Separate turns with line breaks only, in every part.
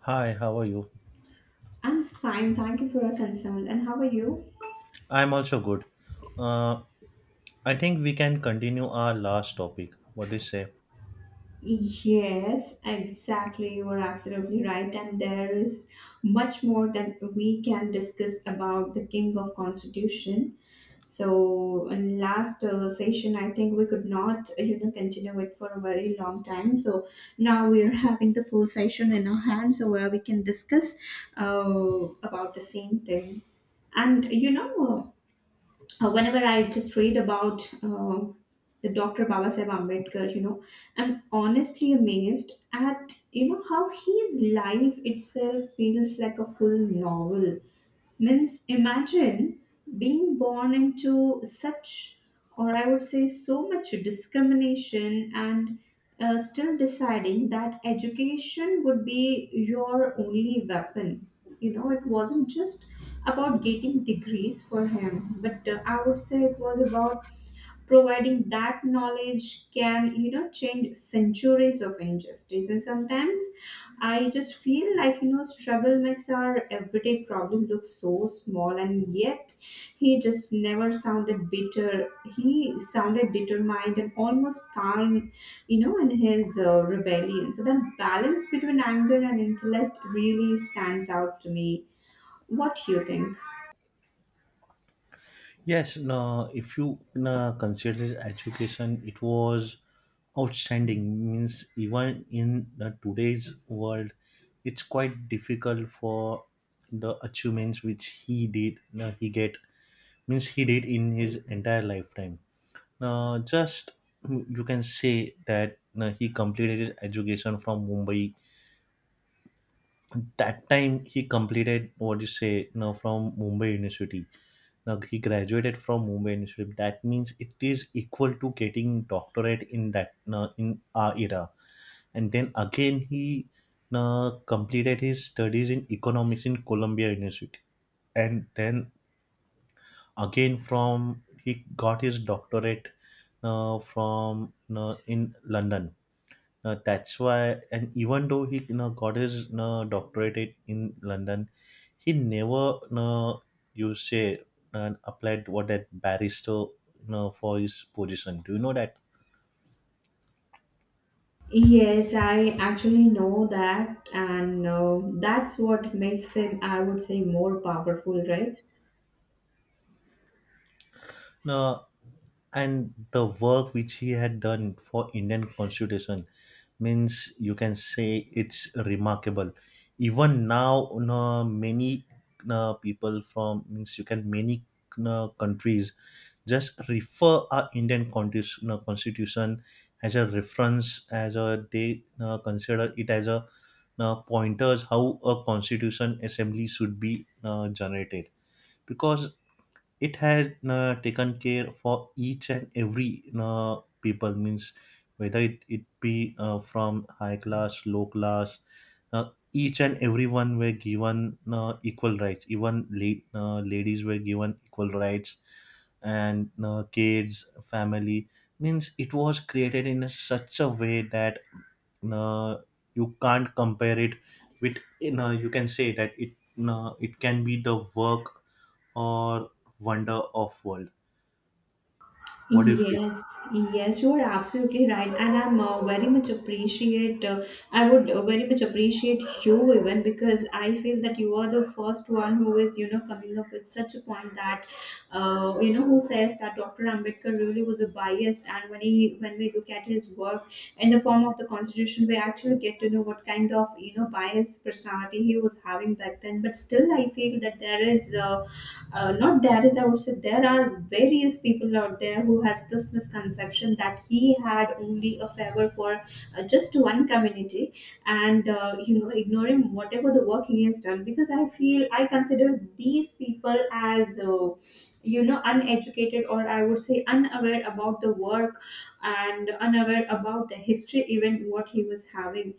Hi, how are you?
I'm fine, thank you for your concern. And how are you?
I'm also good. Uh, I think we can continue our last topic. What do you say?
Yes, exactly. You are absolutely right. And there is much more that we can discuss about the King of Constitution. So, in last session, I think we could not continue it for a very long time. So now we are having the full session in our hand, so where we can discuss about the same thing. And you know, Whenever I just read about the Dr. Babasaheb Ambedkar, I'm honestly amazed at how his life itself feels like a full novel. Means imagine being born into such, or I would say, so much discrimination and. Still deciding that education would be your only weapon. It wasn't just about getting degrees for him, but I would say it was about providing that knowledge can change centuries of injustice. And sometimes I just feel like struggle makes our everyday problem look so small, and yet he just never sounded bitter. He sounded determined and almost calm in his rebellion. So that balance between anger and intellect really stands out to me. What do you think?
Yes, no, if you no, consider this education, it was outstanding. Means even in the today's world, it's quite difficult for the achievements which he did, no, he get means he did in his entire lifetime. Now, just you can say that no, he completed his education from Mumbai, that time he completed what you say now from Mumbai University. Now he graduated from Mumbai University. That means it is equal to getting doctorate in that now in our era. And then again he now completed his studies in economics in Columbia University. And then again from he got his doctorate from in London. That's why, and even though he got his doctorate in London, he never you say and applied what that barrister for his position. Do you know that?
Yes, I actually know that, and that's what makes it. I would say, more powerful, right?
No, and the work which he had done for Indian constitution means you can say it's remarkable. Even now many people from means you can many countries just refer our Indian constitution as a reference, as a they consider it as a pointers how a constitution assembly should be generated. Because it has taken care for each and every people, means whether it be from high class low class, uh, each and everyone were given equal rights, even ladies were given equal rights. And kids family means it was created in a, such a way that uh, you can't compare it with you know you can say that it it can be the work or wonder of world. What do you feel?
Yes, yes, you are absolutely right, and I'm very much appreciate. I would very much appreciate you even, because I feel that you are the first one who is, coming up with such a point that, who says that Dr. Ambedkar really was a biased, and when we look at his work in the form of the Constitution, we actually get to know what kind of biased personality he was having back then. But still, I feel that there is. Not there is, I would say there are various people out there who has this misconception that he had only a favor for just one community. And ignoring whatever the work he has done, because I consider these people as uneducated, or I would say unaware about the work, and unaware about the history even what he was having.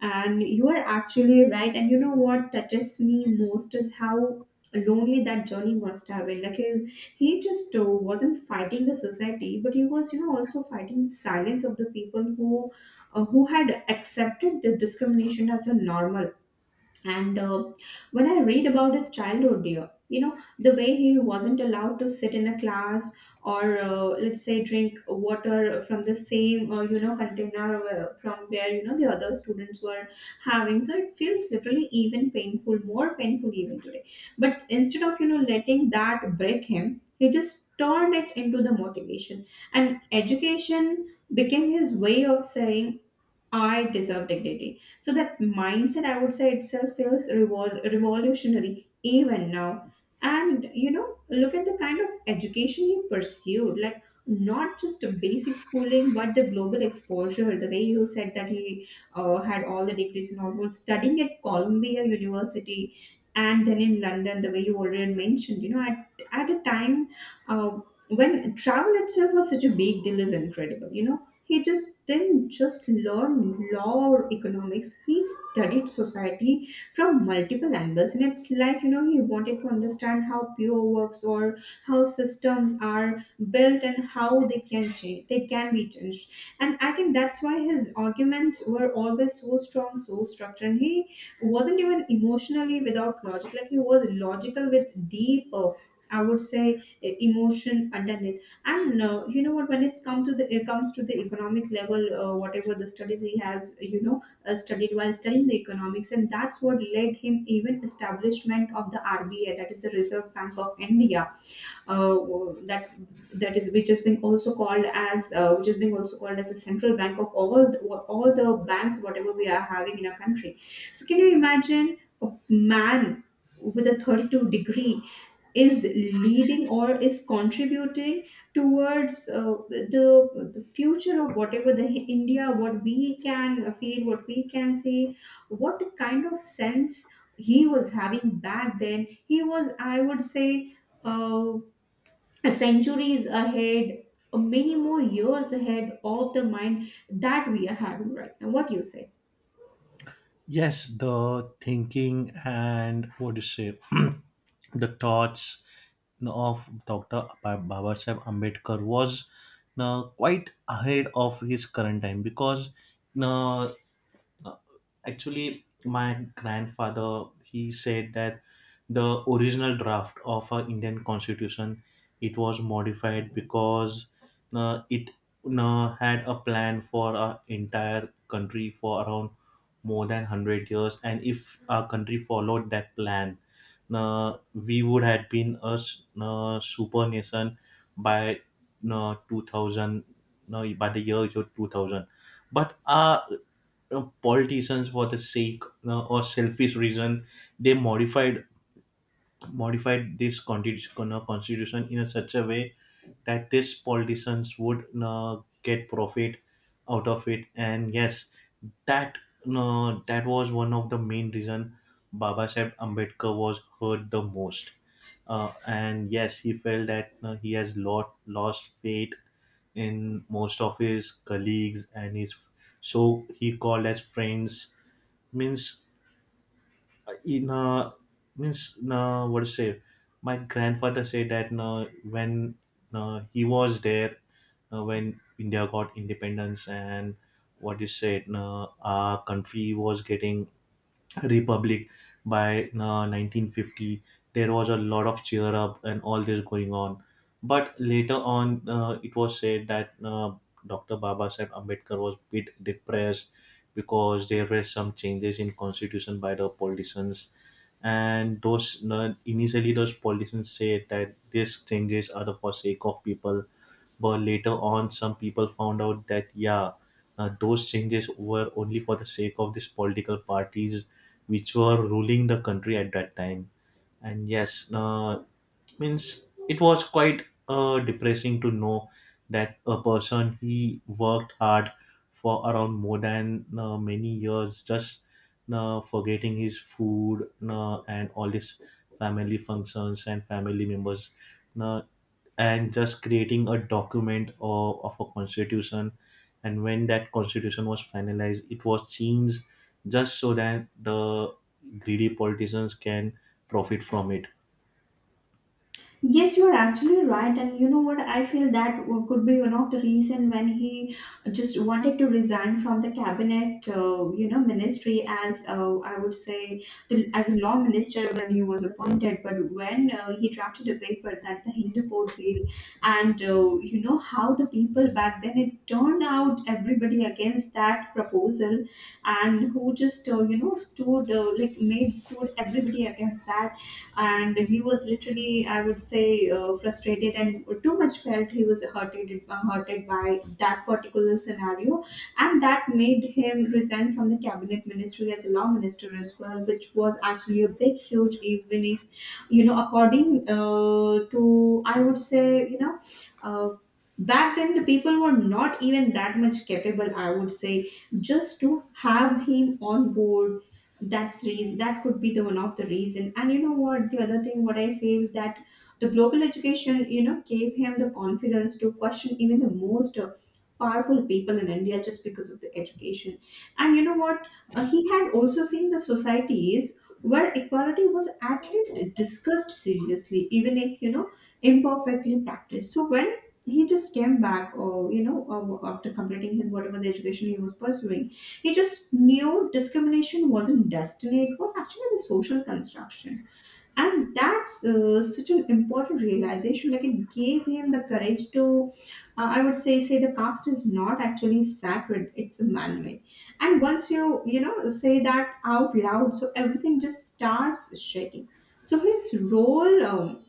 And you are actually right, and you know what touches me most is how lonely that journey must have been. Like he just wasn't fighting the society, but he was also fighting the silence of the people who had accepted the discrimination as a normal. And when I read about his childhood, dear, the way he wasn't allowed to sit in a class, or, let's say, drink water from the same, container from where, the other students were having. So it feels literally even painful, more painful even today. But instead of, letting that break him, he just turned it into the motivation. And education became his way of saying, I deserve dignity. So that mindset, I would say, itself feels revolutionary even now. And look at the kind of education he pursued, like, not just a basic schooling, but the global exposure. The way you said that he had all the degrees and all, was studying at Columbia University and then in London, the way you already mentioned, at a time uh, when travel itself was such a big deal, is incredible. He just didn't just learn law or economics. He studied society from multiple angles, and it's like he wanted to understand how pure works, or how systems are built and how they can change. They can be changed, and I think that's why his arguments were always so strong, so structured. And he wasn't even emotionally without logic. Like he was logical with deep, I would say, emotion underneath. And you know what, when it comes to the economic level, whatever the studies he has studied while studying the economics, and that's what led him even establishment of the RBI, that is the Reserve Bank of India, uh, that that is which has been also called as the central bank of all the banks whatever we are having in our country. So can you imagine a man with a 32 degree is leading or is contributing towards the future of whatever the India, what we can feel, what we can see, what kind of sense he was having back then? He was, I would say, uh, centuries ahead, many more years ahead of the mind that we are having right now. What do you say?
Yes, the thinking and what do you say, the thoughts of Dr. Baba Sahib Ambedkar was quite ahead of his current time. Because uh, uh, actually, my grandfather he said that the original draft of our Indian Constitution, it was modified. Because it had a plan for our entire country for around more than 100 years, and if our country followed that plan, we would have been a super nation by 2000, no, by the year 2000. But politicians for the sake or selfish reason, they modified this constitution in such a way that these politicians would get profit out of it. And yes, that that was one of the main reason Baba Sahib Ambedkar was hurt the most. And yes, he felt that he has lost faith in most of his colleagues and his, so he called as friends. Means in means what to say, my grandfather said that when he was there, when India got independence, and what you said our country was getting republic by 1950. There was a lot of cheer up and all this going on. But later on it was said that Dr. Baba Sahib Ambedkar was a bit depressed, because there were some changes in constitution by the politicians. And those initially those politicians said that these changes are the for sake of people. But later on some people found out that yeah, those changes were only for the sake of these political parties which were ruling the country at that time. And yes, means it was quite depressing to know that a person, he worked hard for around more than many years, just forgetting his food and all his family functions and family members, uh, and just creating a document of a constitution. And when that constitution was finalized, it was changed just so that the greedy politicians can profit from it.
Yes, you are actually right, and you know what? I feel that could be one of the reason when he just wanted to resign from the cabinet, ministry as I would say as a law minister when he was appointed. But when he drafted a paper that the Hindu Code Bill, and how the people back then it turned out everybody against that proposal, and who just stood, like made stood everybody against that. And he was literally, I would say, frustrated, and too much felt he was hurted, by that particular scenario. And that made him resign from the cabinet ministry as a law minister as well, which was actually a big huge, even if according to, I would say, uh, back then the people were not even that much capable, I would say, just to have him on board. That's reason, that could be the one of the reason. And you know what, the other thing what I feel that the global education gave him the confidence to question even the most powerful people in India, just because of the education. And you know what. He had also seen the societies where equality was at least discussed seriously, even if imperfectly practiced. So when he just came back, or after completing his whatever the education he was pursuing, he just knew discrimination wasn't destiny, it was actually the social construction. And that's such an important realization. Like it gave him the courage to, I would say, say the caste is not actually sacred, it's a man made. And once you, say that out loud, so everything just starts shaking. So his role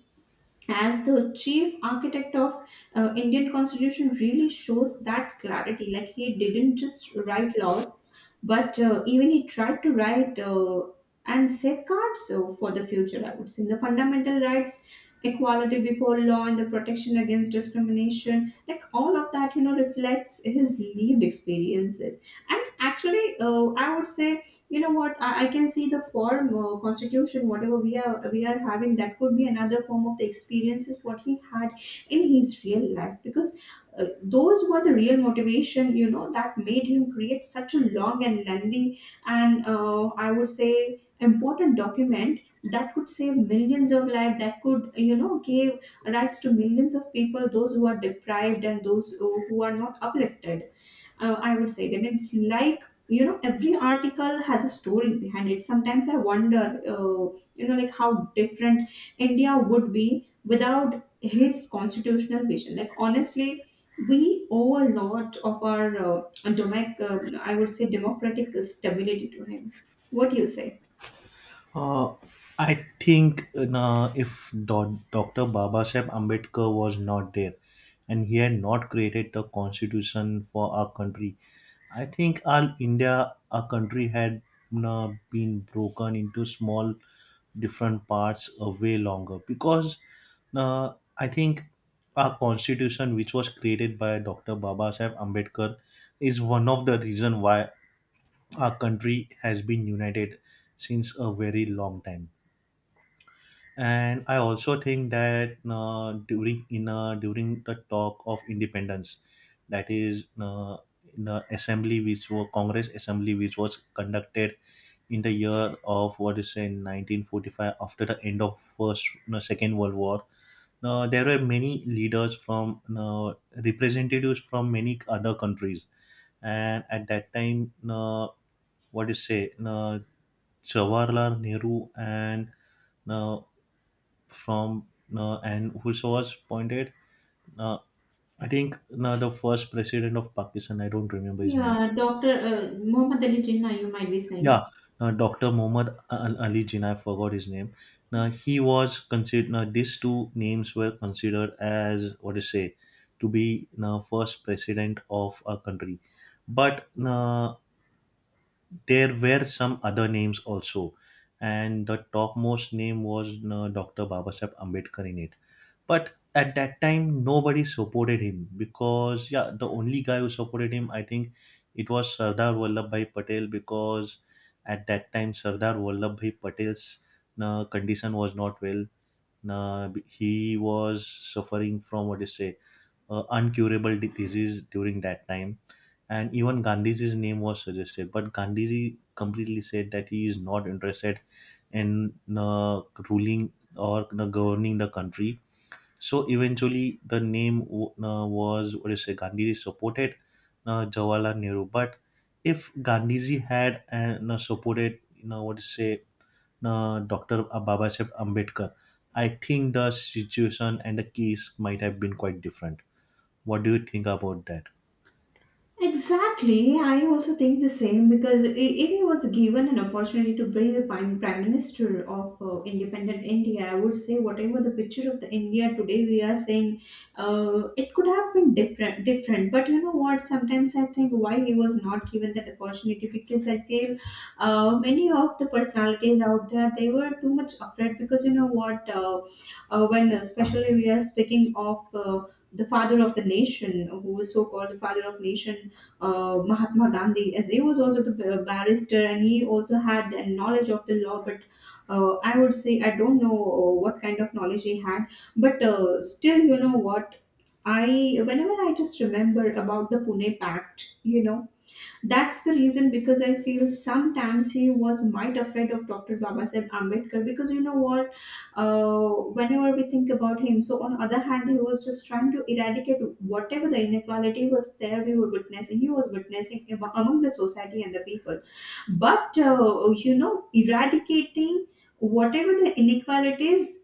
as the chief architect of Indian constitution really shows that clarity, like he didn't just write laws, but even he tried to write, and safeguards for the future, I would say the fundamental rights, equality before law and the protection against discrimination, like all of that reflects his lived experiences. And actually I would say, you know what, I can see the form constitution whatever we are having, that could be another form of the experiences what he had in his real life. Because those were the real motivation that made him create such a long and lengthy, and I would say important document that could save millions of lives, that could give rights to millions of people, those who are deprived, and those who are not uplifted. I would say that it's like every article has a story behind it. Sometimes I wonder, like how different India would be without his constitutional vision. Like honestly, we owe a lot of our I would say, democratic stability to him. What do you say?
Uh, I think you know, if Dr. Babasaheb Ambedkar was not there and he had not created the constitution for our country, I think all India, our country had you know, been broken into small different parts way longer. Because I think our constitution, which was created by Dr. Babasaheb Ambedkar, is one of the reason why our country has been united since a very long time. And I also think that during the talk of independence, that is in the assembly which was congress assembly, which was conducted in the year of what is say 1945, after the end of first, no, second world war. Now there were many leaders from, no, representatives from many other countries. And at that time no, what do you say no, Jawaharlal Nehru and uh, from and who was appointed? Uh, I think the first president of Pakistan. I don't remember his name.
Yeah, Dr. Muhammad Ali Jinnah, you might be saying.
Yeah, Dr. Ali Jinnah. I forgot his name. Now he was considered. Now these two names were considered as what to say to be now first president of a country. But there were some other names also. And the topmost name was Dr. Babasaheb Ambedkar in it. But at that time nobody supported him, because yeah the only guy who supported him I think it was Sardar Vallabhbhai Patel. Because at that time Sardar Vallabhbhai Patel's condition was not well. He was suffering from what do you say uncurable disease during that time. And even Gandhiji's name was suggested, but Gandhiji completely said that he is not interested in uh, ruling, or you know, governing the country. So eventually, the name was what do you say? Gandhiji supported Jawaharlal Nehru. But if Gandhiji had and supported, you know, what do you say, Doctor Babasaheb Ambedkar, I think the situation and the case might have been quite different. What do you think about that?
Exactly. I also think the same, because if he was given an opportunity to be the prime minister of independent India, I would say whatever the picture of the India today we are saying, it could have been different. Different, but you know what? Sometimes I think why he was not given that opportunity, because I feel many of the personalities out there, they were too much afraid, because you know what? When especially we are speaking of the father of the nation, who is so called the father of nation, Mahatma Gandhi, as he was also the barrister and he also had a knowledge of the law. But I would say I don't know what kind of knowledge he had, but still, you know what? I whenever I just remember about the Pune Pact, that's the reason, because I feel sometimes he was might afraid of Dr. Babasaheb Ambedkar, because uh, whenever we think about him, so on other hand, he was just trying to eradicate whatever the inequality was there we were witnessing. He was witnessing among the society and the people, but eradicating whatever the inequalities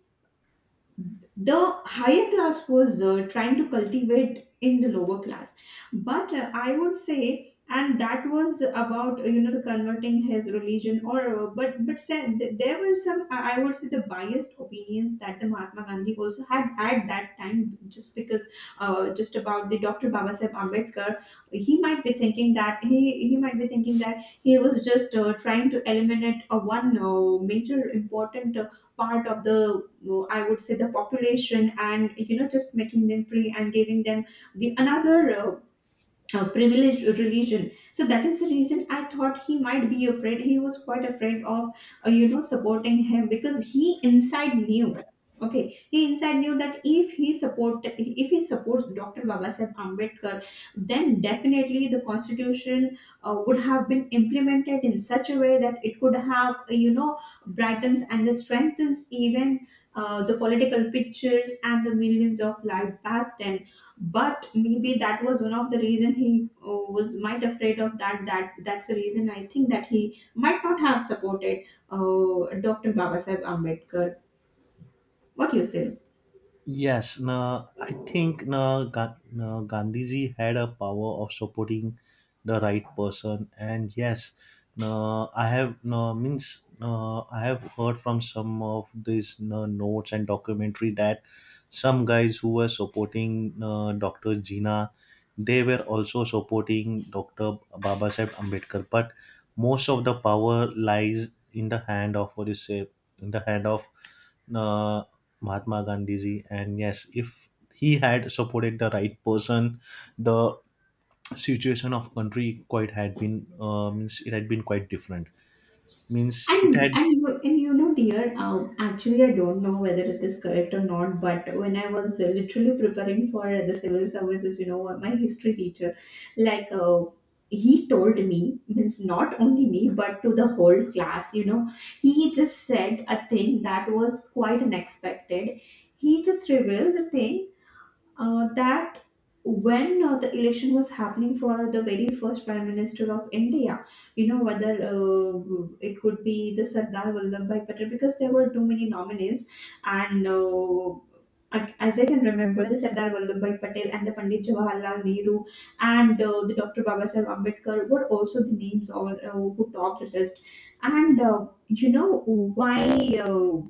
the higher class was trying to cultivate in the lower class. But I would say, and that was about the converting his religion, or but said there were some I would say the biased opinions that the Mahatma Gandhi also had at that time, just because just about the Dr. Babasaheb Ambedkar. He might be thinking that he might be thinking that he was just trying to eliminate a one major important part of the I would say the population, and you know, just making them free and giving them the another a privileged religion. So that is the reason I thought he might be afraid. He was quite afraid of supporting him, because he inside knew. Okay. He inside knew that if he supports Dr. Babasaheb Ambedkar, then definitely the constitution would have been implemented in such a way that it could have brightens and strengthens even the political pictures and the millions of lives back then. But maybe that was one of the reason he was might afraid of that, that's the reason I think that he might not have supported Dr. Babasaheb Ambedkar. What do you feel?
Yes, no, I think no, Gandhiji had a power of supporting the right person. And yes, no, I have no means no, I have heard from some of these no, notes and documentary that some guys who were supporting no, Doctor Jina, they were also supporting Doctor Baba Sahib Ambedkar. But most of the power lies in the hand of what you say, in the hand of Mahatma Gandhiji. And yes, if he had supported the right person, the situation of country quite had been means it had been quite different. Means it
And
had.
and you, and you know, dear, actually, I don't know whether it is correct or not. But when I was literally preparing for the civil services, you know, my history teacher, like, uh, he told me, means not only me but to the whole class. You know, he just said a thing that was quite unexpected. He just revealed the thing that when the election was happening for the very first prime minister of India, you know, whether it could be the Sardar Vallabhbhai Patel, because there were too many nominees, and as I can remember, the Sardar Vallabhbhai Patel and the Pandit Jawaharlal Nehru, and the Dr. Babasaheb Ambedkar were also the names, all who topped the list. And you know why. Uh,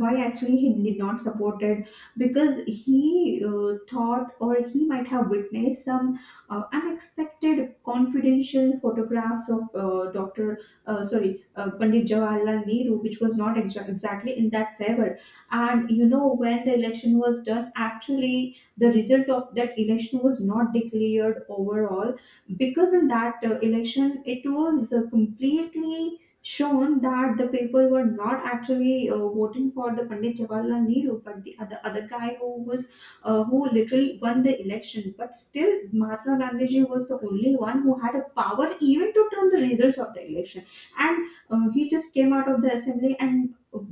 why actually he did not support it, because he thought, or he might have witnessed some unexpected confidential photographs of dr sorry Pandit Jawaharlal Nehru, which was not exactly in that favor. And you know, when the election was done, actually the result of that election was not declared overall, because in that election it was completely shown that the people were not actually voting for the Pandit Jawaharlal Nehru, but the other guy who was who literally won the election. But still, Mahatma Gandhiji was the only one who had a power even to turn the results of the election. And he just came out of the assembly and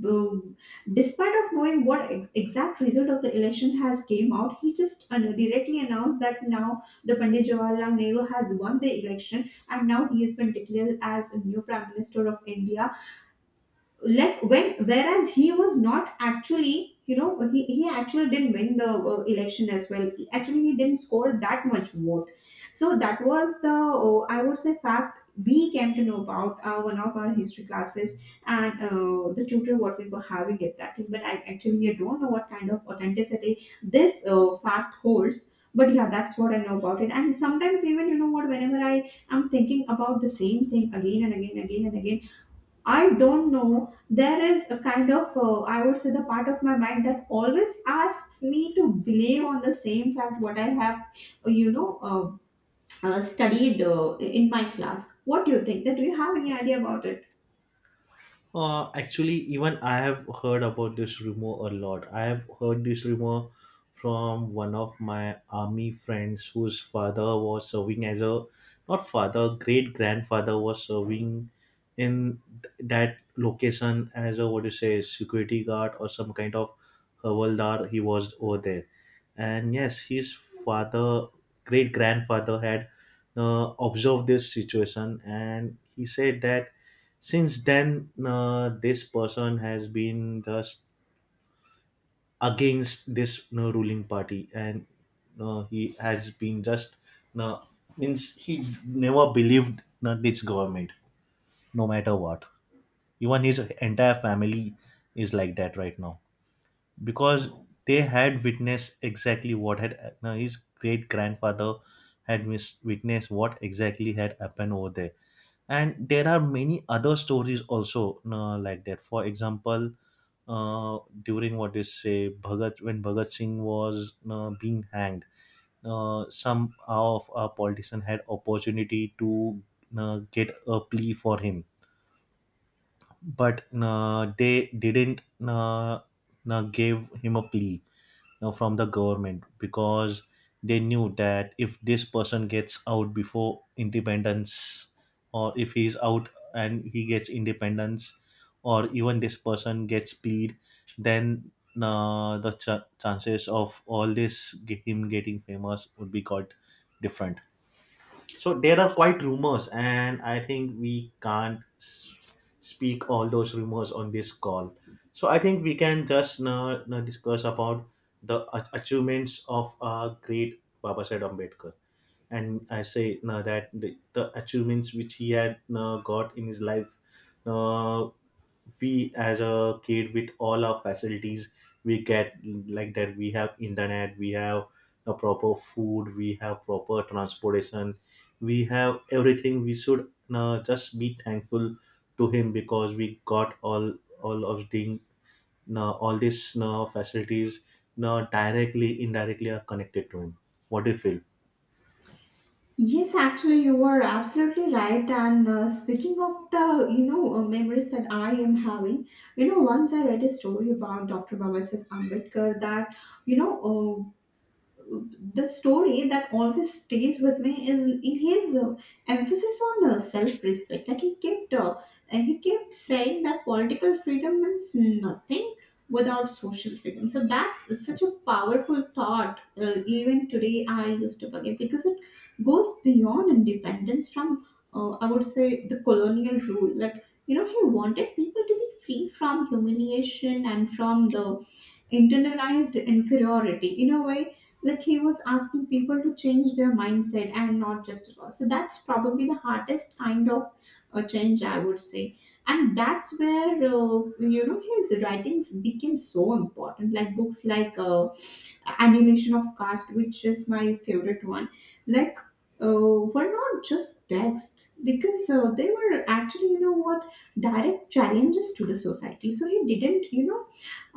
despite of knowing what exact result of the election has came out, he just directly announced that now the Pandit Jawaharlal Nehru has won the election and now he has been declared as a new Prime Minister of India, like when, whereas he was not actually, you know, he actually didn't win the election as well. Actually he didn't score that much vote. So that was the I would say fact we came to know about one of our history classes, and the tutor what we were having at that time. But I actually, I don't know what kind of authenticity this fact holds, but yeah, that's what I know about it. And sometimes, even, you know what, whenever I am thinking about the same thing again and again, again and again, I don't know. There is a kind of, I would say, the part of my mind that always asks me to believe on the same fact what I have uh, you know, studied in my class. What do you think? That do you have any idea about it?
Actually, even I have heard about this rumor a lot. I have heard this rumor from one of my army friends whose father was serving as a, not father, great grandfather was serving in that location as a what do you say security guard or some kind of havaldar. He was over there. And yes, his father, great grandfather, had observed this situation, and he said that since then, this person has been just against this you know, ruling party. And he has been just uh, means he never believed this government, no matter what. Even his entire family is like that right now, because they had witnessed exactly what had his great grandfather had witnessed what exactly had happened over there. And there are many other stories also like that. For example, during what is say Bhagat, when Bhagat Singh was being hanged. Some of our politician had opportunity to get a plea for him. But they didn't give him a plea, you know, from the government. Because they knew that if this person gets out before independence, or if he's out and he gets independence, or even this person gets plead, then the chances of all this him getting famous would be got different. So there are quite rumors, and I think we can't speak all those rumors on this call. So I think we can just now discuss about the achievements of our great Baba Sahib Ambedkar. And I say now that the achievements which he had now got in his life, uh, we as a kid with all our facilities we get. Like that we have internet, we have a proper food, we have proper transportation, we have everything. We should just be thankful to him because we got all of the all these facilities directly indirectly are connected to him. What do you feel?
Yes, actually, you were absolutely right. And speaking of the, you know, memories that I am having, you know, once I read a story about Dr. Babasaheb Ambedkar that, you know, the story that always stays with me is in his emphasis on self-respect. Like he kept, and he kept saying that political freedom means nothing without social freedom. So that's such a powerful thought. Even today, I used to forget, because it goes beyond independence from, I would say, the colonial rule. Like, you know, he wanted people to be free from humiliation and from the internalized inferiority, in a way, like he was asking people to change their mindset and not just law. So that's probably the hardest kind of change, I would say. And that's where you know, his writings became so important, like books like Annihilation of Caste, which is my favorite one. Like were not just text, because they were actually, you know what, direct challenges to the society. So he didn't, you know,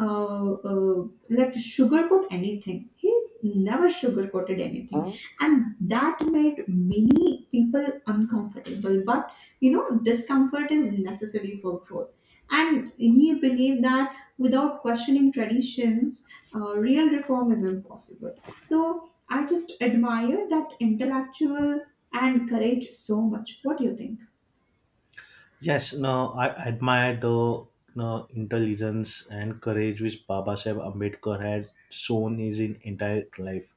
uh, uh, sugarcoat anything. He never sugarcoated anything, and that made many people uncomfortable. But you know, discomfort is necessary for growth. And he believed that without questioning traditions, real reform is impossible. So I just admire that intellectual and courage so much. What do you think?
Yes, no, I admire the no, intelligence and courage which Baba Saheb Ambedkar had shown his in entire life.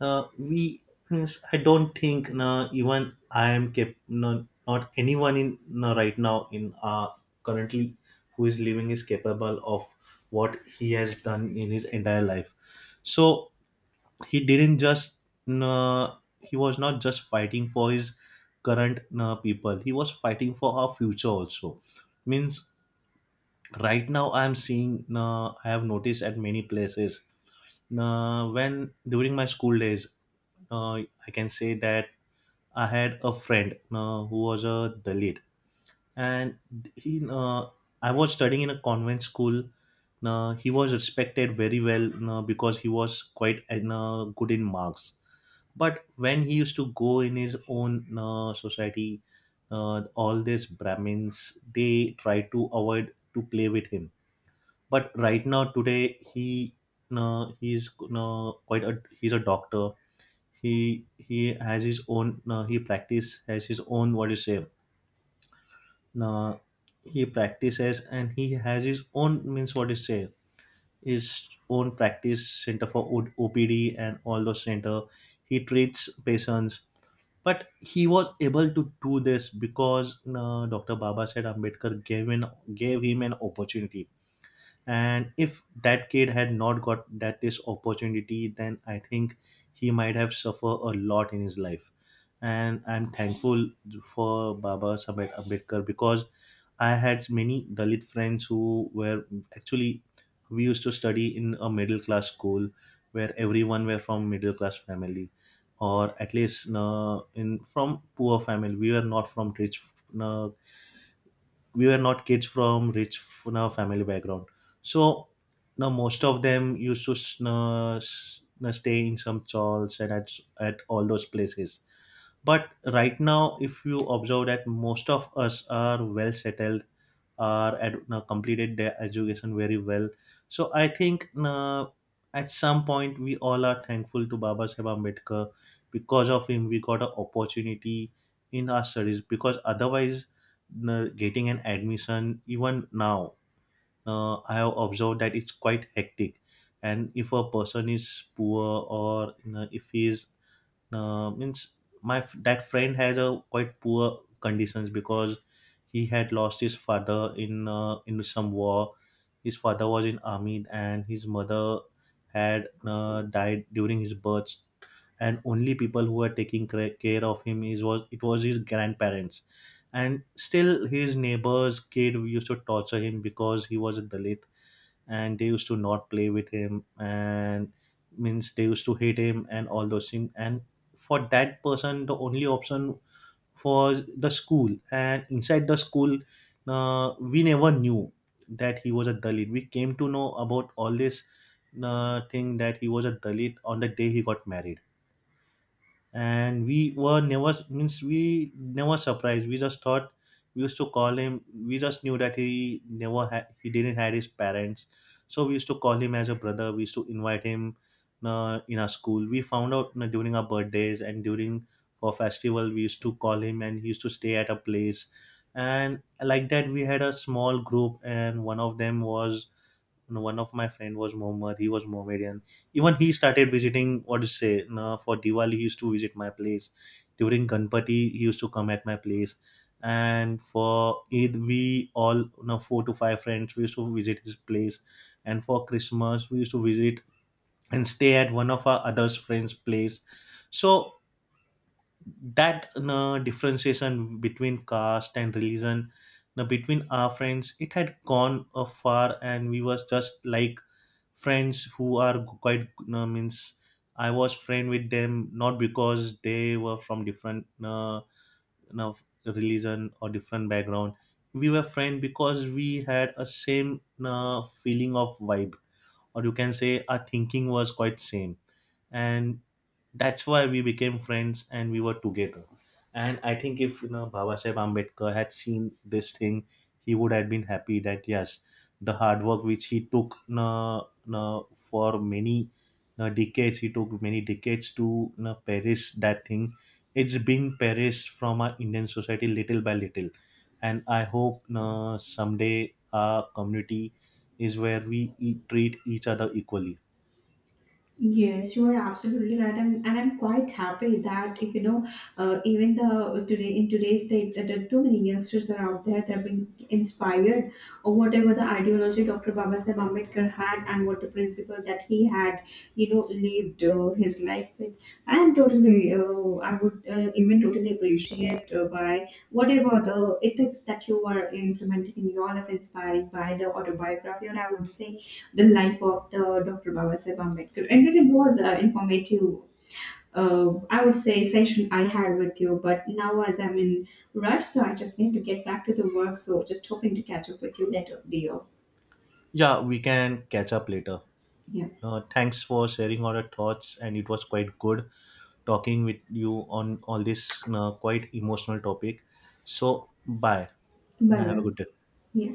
We, yes, I don't think no, even I am not anyone in no, right now in currently who is living is capable of what he has done in his entire life. So he didn't just uh, he was not just fighting for his current people. He was fighting for our future also. Means right now I am seeing I have noticed at many places when during my school days, uh, I can say that I had a friend, who was a Dalit. And he uh, I was studying in a convent school. He was respected very well, because he was quite good in marks. But when he used to go in his own society, all these Brahmins, they try to avoid to play with him. But right now today, uh, he's he's a doctor. He has his own, he practice, has his own, what do you say, uh, he practices, and he has his own, means what do you say, his own practice center for OPD and all those center. He treats patients. But he was able to do this because, Dr. Baba Said Ambedkar gave him an opportunity. And if that kid had not got that this opportunity, then I think he might have suffered a lot in his life. And I'm thankful for Baba Sabed Ambedkar, because I had many Dalit friends who were actually, we used to study in a middle class school where everyone were from middle class family, or at least in, from poor family. Uh, we were not kids from rich, family background. So now most of them used to s- na stay in some churches and at all those places. But right now, if you observe, that most of us are well settled, or had completed their education very well. So I think, at some point, we all are thankful to Baba Saheb Ambedkar. Because of him, we got an opportunity in our studies. Because otherwise, getting an admission even now, I have observed that it's quite hectic. And if a person is poor, or if he is, uh, means that friend has a quite poor conditions, because he had lost his father in some war. His father was in army, and his mother had died during his birth. And only people who were taking care of him is was it was his grandparents. And still, his neighbor's kid used to torture him because he was a Dalit, and they used to not play with him, and means they used to hate him and all those things. And for that person, the only option was the school, and inside the school, we never knew that he was a Dalit. We came to know about all this thing, that he was a Dalit, on the day he got married. And we never surprised. We just thought, we used to call him, we just knew that he didn't had his parents. So we used to call him as a brother. We used to invite him, in our school we found out you, during our birthdays and during, for festival, we used to call him, and he used to stay at a place. And like that, we had a small group, and one of my friend was Mohammed. He was Mohammedan. Even he started visiting. What to say? No, for Diwali, he used to visit my place. During Ganpati, he used to come at my place. And for Eid, we all, no, four to five friends, we used to visit his place. And for Christmas, we used to visit and stay at one of our other's friends' place. So that no differentiation between caste and religion now between our friends, it had gone far, and we was just like friends who are quite, means I was friend with them not because they were from different, you know, religion or different background. We were friend because we had a same, feeling of vibe, or you can say our thinking was quite same, and that's why we became friends, and we were together. And I think if Baba Saheb Ambedkar had seen this thing, he would have been happy that yes, the hard work which uh, for many he took many decades to perish that thing, it's being perished from our Indian society little by little. And I hope someday our community is where we treat each other equally.
Yes, you are absolutely right, and I'm quite happy that, you know, even the today in today's day, there are too many youngsters are out there that are being inspired or whatever the ideology Dr. Baba Sahib Ambedkar had and what the principle that he had, you know, lived his life with. I am totally, I would even totally appreciate by whatever the ethics that you are implementing in your life, inspiring by the autobiography, or I would say the life of the Dr. Babasaheb Ambedkar, and it was informative. I would say session I had with you, but now as I'm in rush, so I just need to get back to the work. So just hoping to catch up with you later, dear.
Yeah, we can catch up later.
Yeah.
Thanks for sharing all your thoughts, and it was quite good talking with you on all this, quite emotional topic. So, bye.
Bye
Have a
bye.
good day.
Yeah.